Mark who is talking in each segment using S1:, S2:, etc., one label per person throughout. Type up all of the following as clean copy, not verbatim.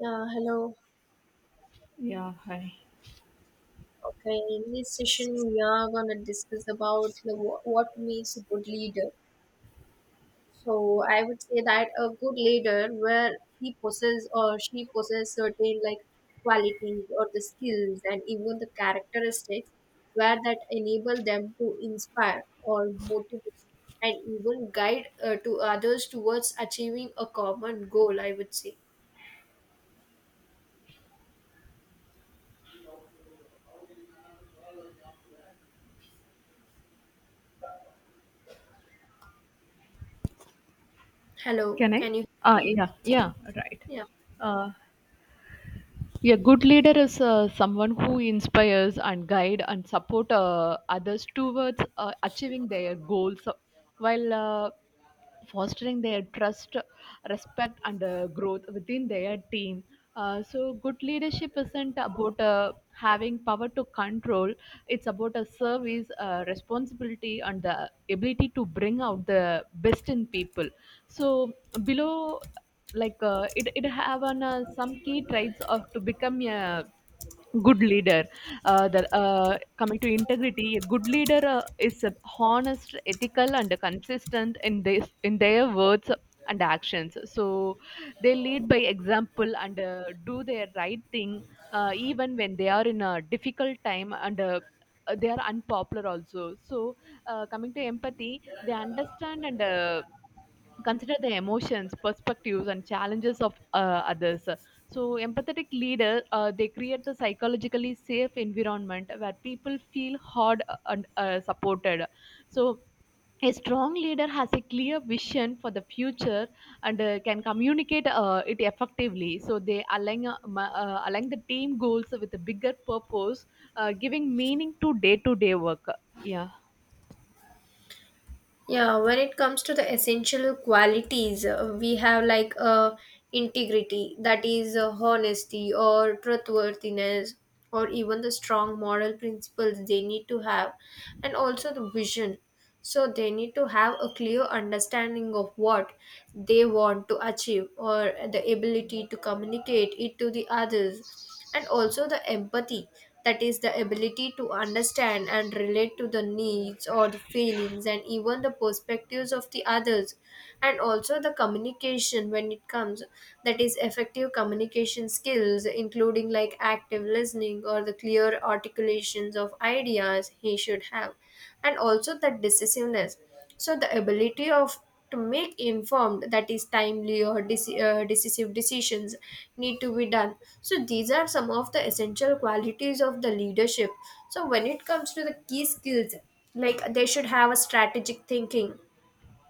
S1: Yeah, hello.
S2: Yeah, hi.
S1: Okay, in this session we are gonna discuss about what makes a good leader. So I would say that a good leader, where he possesses or she possesses certain like qualities or the skills and even the characteristics, where that enable them to inspire or motivate and even guide to others towards achieving a common goal, I would say. Hello,
S2: Can I?
S1: can you
S2: Ah,
S1: hear me?
S2: yeah, yeah, right.
S1: Yeah.
S2: Uh, A good leader is someone who inspires and guide and support others towards achieving their goals, while fostering their trust, respect, and growth within their team. So, good leadership isn't about having power to control. It's about a service, responsibility, and the ability to bring out the best in people. So, below it have on some key traits of to become a good leader, coming to integrity, a good leader is honest, ethical, and consistent in this in their words and actions. So they lead by example and do their right thing even when they are in a difficult time, and they are unpopular also. So coming to empathy, they understand and consider the emotions, perspectives, and challenges of others. So empathetic leader, they create the psychologically safe environment where people feel heard and supported. So a strong leader has a clear vision for the future, and can communicate it effectively. So they align align the team goals with a bigger purpose, giving meaning to day work. Yeah.
S1: Yeah, when it comes to the essential qualities, we have like integrity, that is honesty or truthworthiness, or even the strong moral principles they need to have, and also the vision. So they need to have a clear understanding of what they want to achieve or the ability to communicate it to the others, and also the empathy, that is the ability to understand and relate to the needs or the feelings and even the perspectives of the others, and also the communication when it comes, that is effective communication skills including like active listening or the clear articulations of ideas he should have, and also the decisiveness, so the ability of to make informed, that is timely or decisive decisions need to be done. So these are some of the essential qualities of the leadership. So when it comes to the key skills, like they should have a strategic thinking,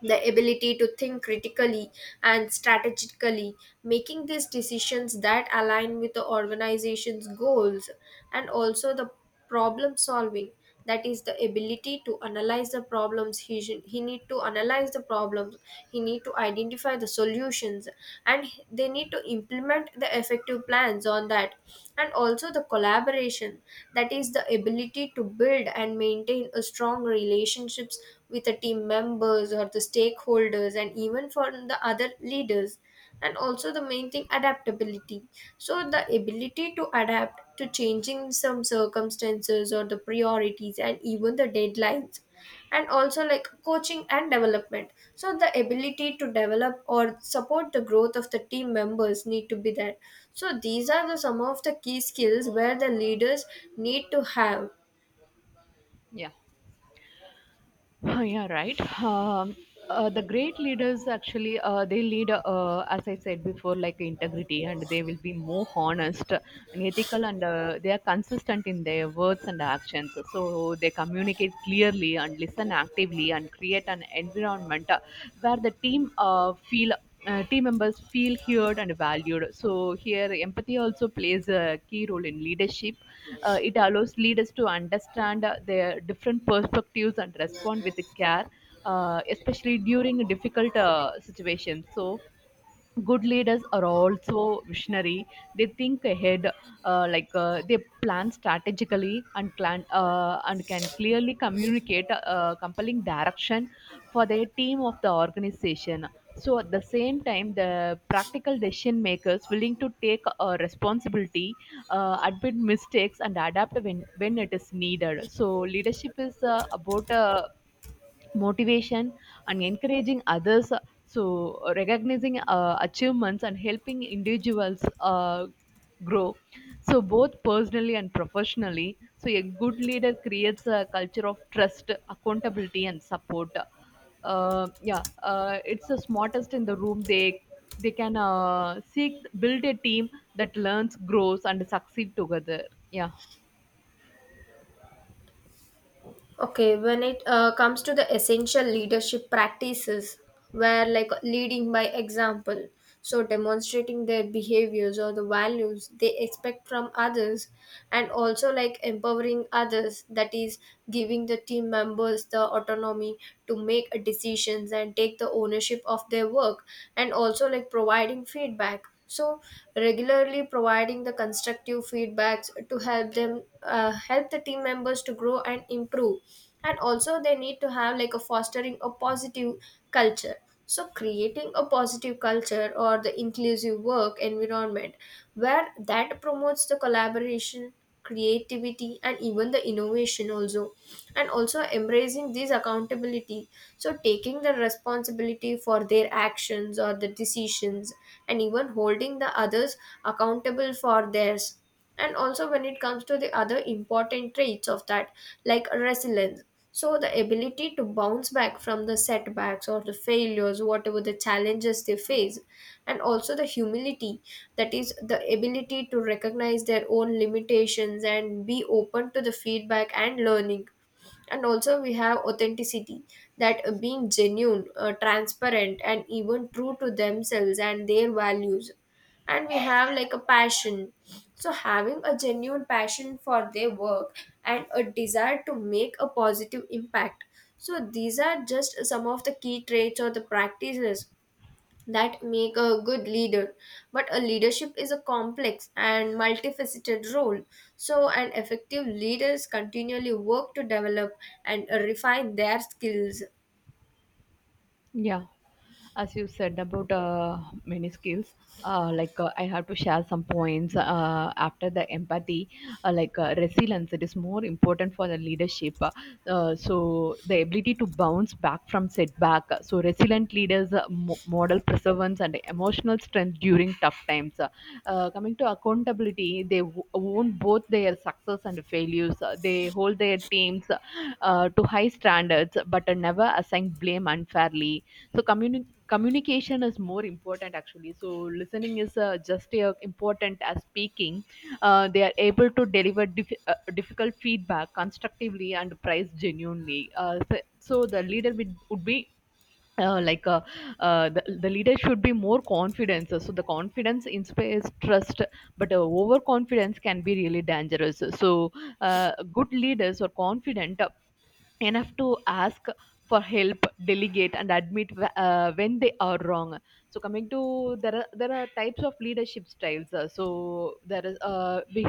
S1: the ability to think critically and strategically, making these decisions that align with the organization's goals, and also the problem solving, that is the ability to analyze the problems, he need to analyze the problems, he need to identify the solutions, and they need to implement the effective plans hands on that, and also the collaboration, that is the ability to build and maintain a strong relationships with the team members or the stakeholders and even for the other leaders, and also the main thing adaptability, so the ability to adapt to changing some circumstances or the priorities and even the deadlines, and also like coaching and development, so the ability to develop or support the growth of the team members need to be there. So these are the some of the key skills where the leaders need to have.
S2: Yeah. Oh, yeah, right. The great leaders actually they lead, as I said before, like integrity, and they will be more honest and ethical, and they are consistent in their words and actions. So they communicate clearly and listen actively and create an environment where the team, feel team members feel heard and valued. So here empathy also plays a key role in leadership. It allows leaders to understand their different perspectives and respond with care, especially during difficult situations. So, good leaders are also visionary. They think ahead, they plan strategically and plan, and can clearly communicate compelling direction for their team of the organization. So at the same time the practical decision makers willing to take responsibility, admit mistakes and adapt when it is needed. So leadership is about motivation and encouraging others. So recognizing achievements and helping individuals grow, so both personally and professionally. So a good leader creates a culture of trust, accountability, and support. Yeah it's the smartest in the room, they can seek build a team that learns, grows, and succeed together. Yeah.
S1: Okay, when it comes to the essential leadership practices, where like leading by example, so demonstrating their behaviors or the values they expect from others, and also like empowering others, that is, giving the team members the autonomy to make decisions and take the ownership of their work, and also like providing feedback, so regularly providing the constructive feedbacks to help them, help the team members to grow and improve, and also they need to have like a fostering a positive culture, so creating a positive culture or the inclusive work environment where that promotes the collaboration, creativity and even the innovation also, and also embracing this accountability, so taking the responsibility for their actions or the decisions and even holding the others accountable for theirs. And also when it comes to the other important traits of that, like resilience, so the ability to bounce back from the setbacks or the failures whatever the challenges they face, and also the humility, that is the ability to recognize their own limitations and be open to the feedback and learning, and also we have authenticity, that being genuine, transparent and even true to themselves and their values, and we have like a passion, so having a genuine passion for their work and a desire to make a positive impact. So, these are just some of the key traits or the practices that make a good leader. But a leadership is a complex and multifaceted role. So, an effective leaders continually work to develop and refine their skills.
S2: Yeah, as you said about many skills, I have to share some points after the empathy, resilience. It is more important for the leadership. So the ability to bounce back from setback. So resilient leaders model perseverance and emotional strength during tough times. Coming to accountability, they own both their success and failures. They hold their teams to high standards, but never assign blame unfairly. So communication is more important actually. So listening is just as important as speaking. They are able to deliver difficult feedback constructively and price genuinely, so the leader would be, uh, like uh, the leader should be more confident. So the confidence inspires trust, but overconfidence can be really dangerous. So good leaders are confident enough to ask for help, delegate, and admit when they are wrong. So coming to, there are types of leadership styles. So there is, we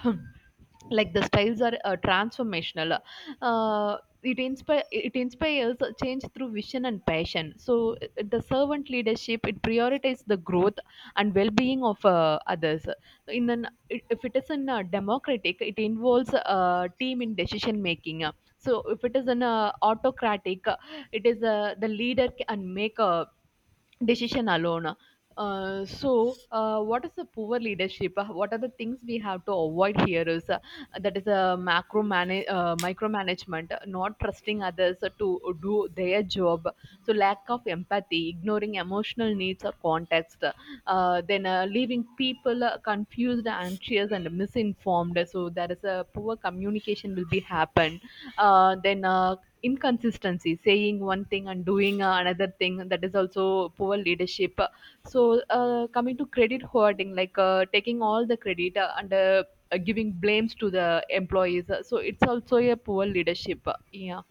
S2: like the styles are, transformational, uh, it inspire it inspires a change through vision and passion. So the servant leadership, it prioritizes the growth and well-being of others. In an, if it is in a democratic, it involves a team in decision making. So if it is in a autocratic, it is a, the leader can make a decision alone. What is the poor leadership? What are the things we have to avoid here? Is that is a micromanagement, not trusting others to do their job. So, lack of empathy, ignoring emotional needs or context, then leaving people confused, anxious, and misinformed. So, there is a poor communication will be happen. Then inconsistency, saying one thing and doing another thing, that is also poor leadership. So coming to credit hoarding, like taking all the credit and giving blames to the employees, so it's also a poor leadership. Yeah.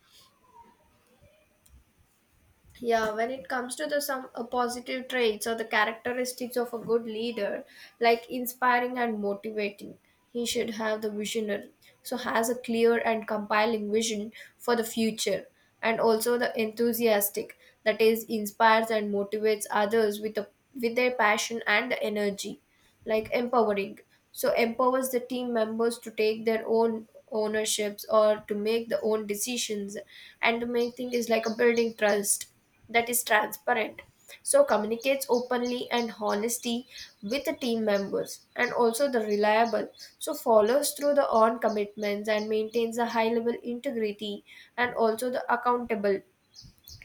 S1: Yeah, when it comes to the some positive traits or the characteristics of a good leader, like inspiring and motivating, he should have the visionary. So has a clear and compiling vision for the future, and also the enthusiastic, that is inspires and motivates others with their passion and the energy, like empowering. So empowers the team members to take their own ownerships or to make the own decisions, and the main thing is like a building trust, that is transparent, so communicates openly and honesty with the team members, and also the reliable, so follows through the on commitments and maintains a high level integrity, and also the accountable,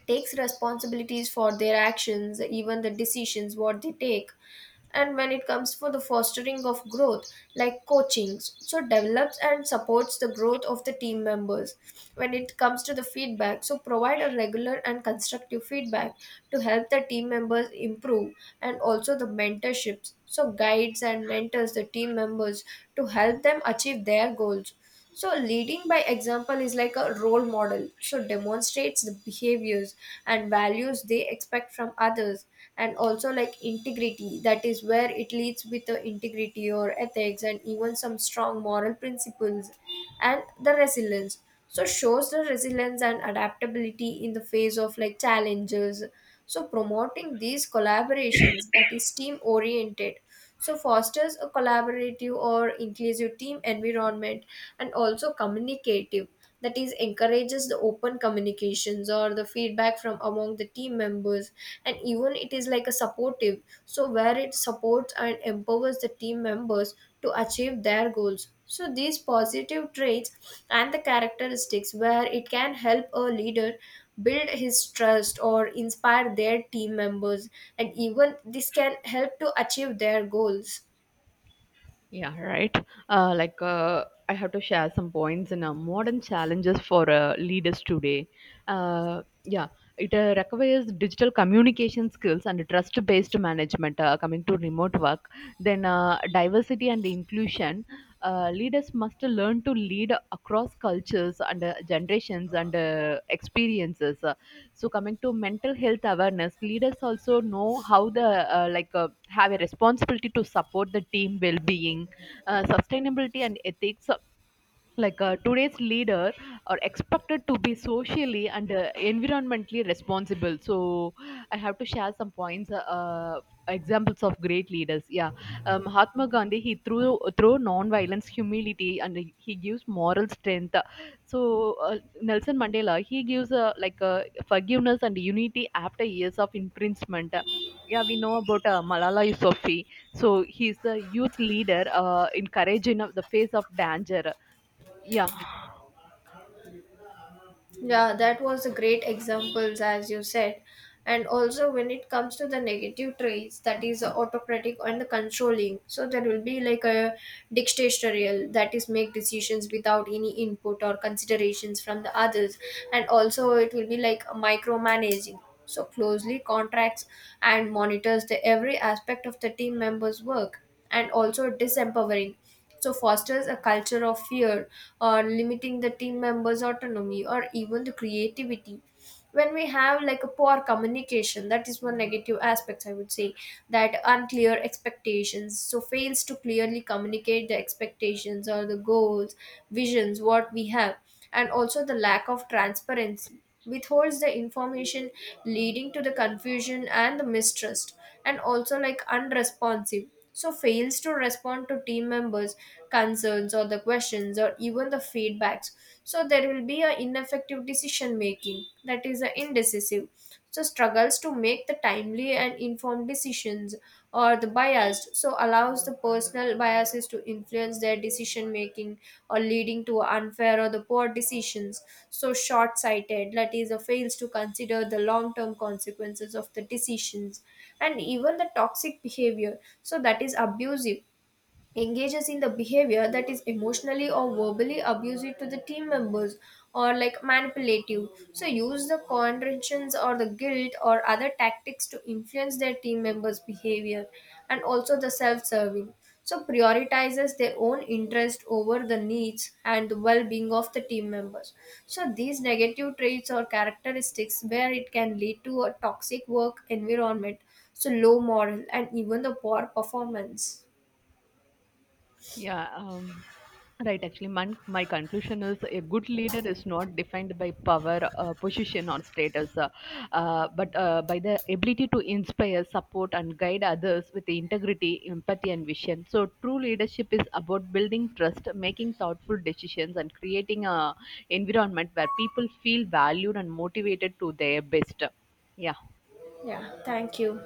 S1: takes responsibilities for their actions, even the decisions what they take. And when it comes for the fostering of growth, like coaching, so develops and supports the growth of the team members. When it comes to the feedback, so provide a regular and constructive feedback to help the team members improve, and also the mentorships, so guides and mentors the team members to help them achieve their goals. So leading by example is like a role model, so demonstrates the behaviors and values they expect from others, and also like integrity, that is where it leads with the integrity or ethics and even some strong moral principles, and the resilience, so shows the resilience and adaptability in the face of like challenges. So promoting these collaborations, that is team oriented, so fosters a collaborative or inclusive team environment, and also communicative, that is encourages the open communications or the feedback from among the team members, and even it is like a supportive, so where it supports and empowers the team members to achieve their goals. So these positive traits and the characteristics where it can help a leader build his trust or inspire their team members, and even this can help to achieve their goals.
S2: Yeah, right. Uh, like, uh, I have to share some points in modern challenges for leaders today. Uh, yeah, it requires digital communication skills and trust based management. Coming to remote work, then diversity and inclusion. Leaders must learn to lead across cultures and generations and experiences. So, coming to mental health awareness, leaders also know how the like have a responsibility to support the team well-being, sustainability, and ethics. Like today's leader are expected to be socially and environmentally responsible. So I have to share some points, examples of great leaders. Yeah. Mahatma Gandhi, he through non-violence, humility, and he gives moral strength. So Nelson Mandela, he gives, forgiveness and unity after years of imprisonment. Yeah, we know about Malala Yousafzai. So he's the youth leader, encouraging of the face of danger. Yeah.
S1: Yeah, that was a great examples as you said. And also when it comes to the negative traits, that is autocratic and the controlling. So there will be like a dictatorial, that is make decisions without any input or considerations from the others. And also it will be like micromanaging. So closely contracts and monitors the every aspect of the team members' work, and also disempowering, so fosters a culture of fear or limiting the team members autonomy or even the creativity. When we have like a poor communication, that is one negative aspect I would say, that unclear expectations, so fails to clearly communicate the expectations or the goals visions what we have, and also the lack of transparency, withholds the information leading to the confusion and the mistrust, and also like unresponsive, so fails to respond to team members concerns or the questions or even the feedbacks. So there will be an ineffective decision making, that is a indecisive, so struggles to make the timely and informed decisions, or the biased, so allows the personal biases to influence their decision making or leading to unfair or the poor decisions, so short sighted, that is a fails to consider the long term consequences of the decisions, and even the toxic behavior, so that is abusive, engages in the behavior that is emotionally or verbally abusive to the team members, or like manipulative, so use the condescensions or the guilt or other tactics to influence their team members behavior, and also the self-serving, so prioritizes their own interest over the needs and the well-being of the team members. So these negative traits or characteristics where it can lead to a toxic work environment, so low moral and even the poor performance.
S2: Yeah, right. Actually, my conclusion is a good leader is not defined by power, position, or status, but by the ability to inspire, support, and guide others with integrity, empathy, and vision. So, true leadership is about building trust, making thoughtful decisions, and creating a environment where people feel valued and motivated to their best. Yeah.
S1: Yeah, thank you.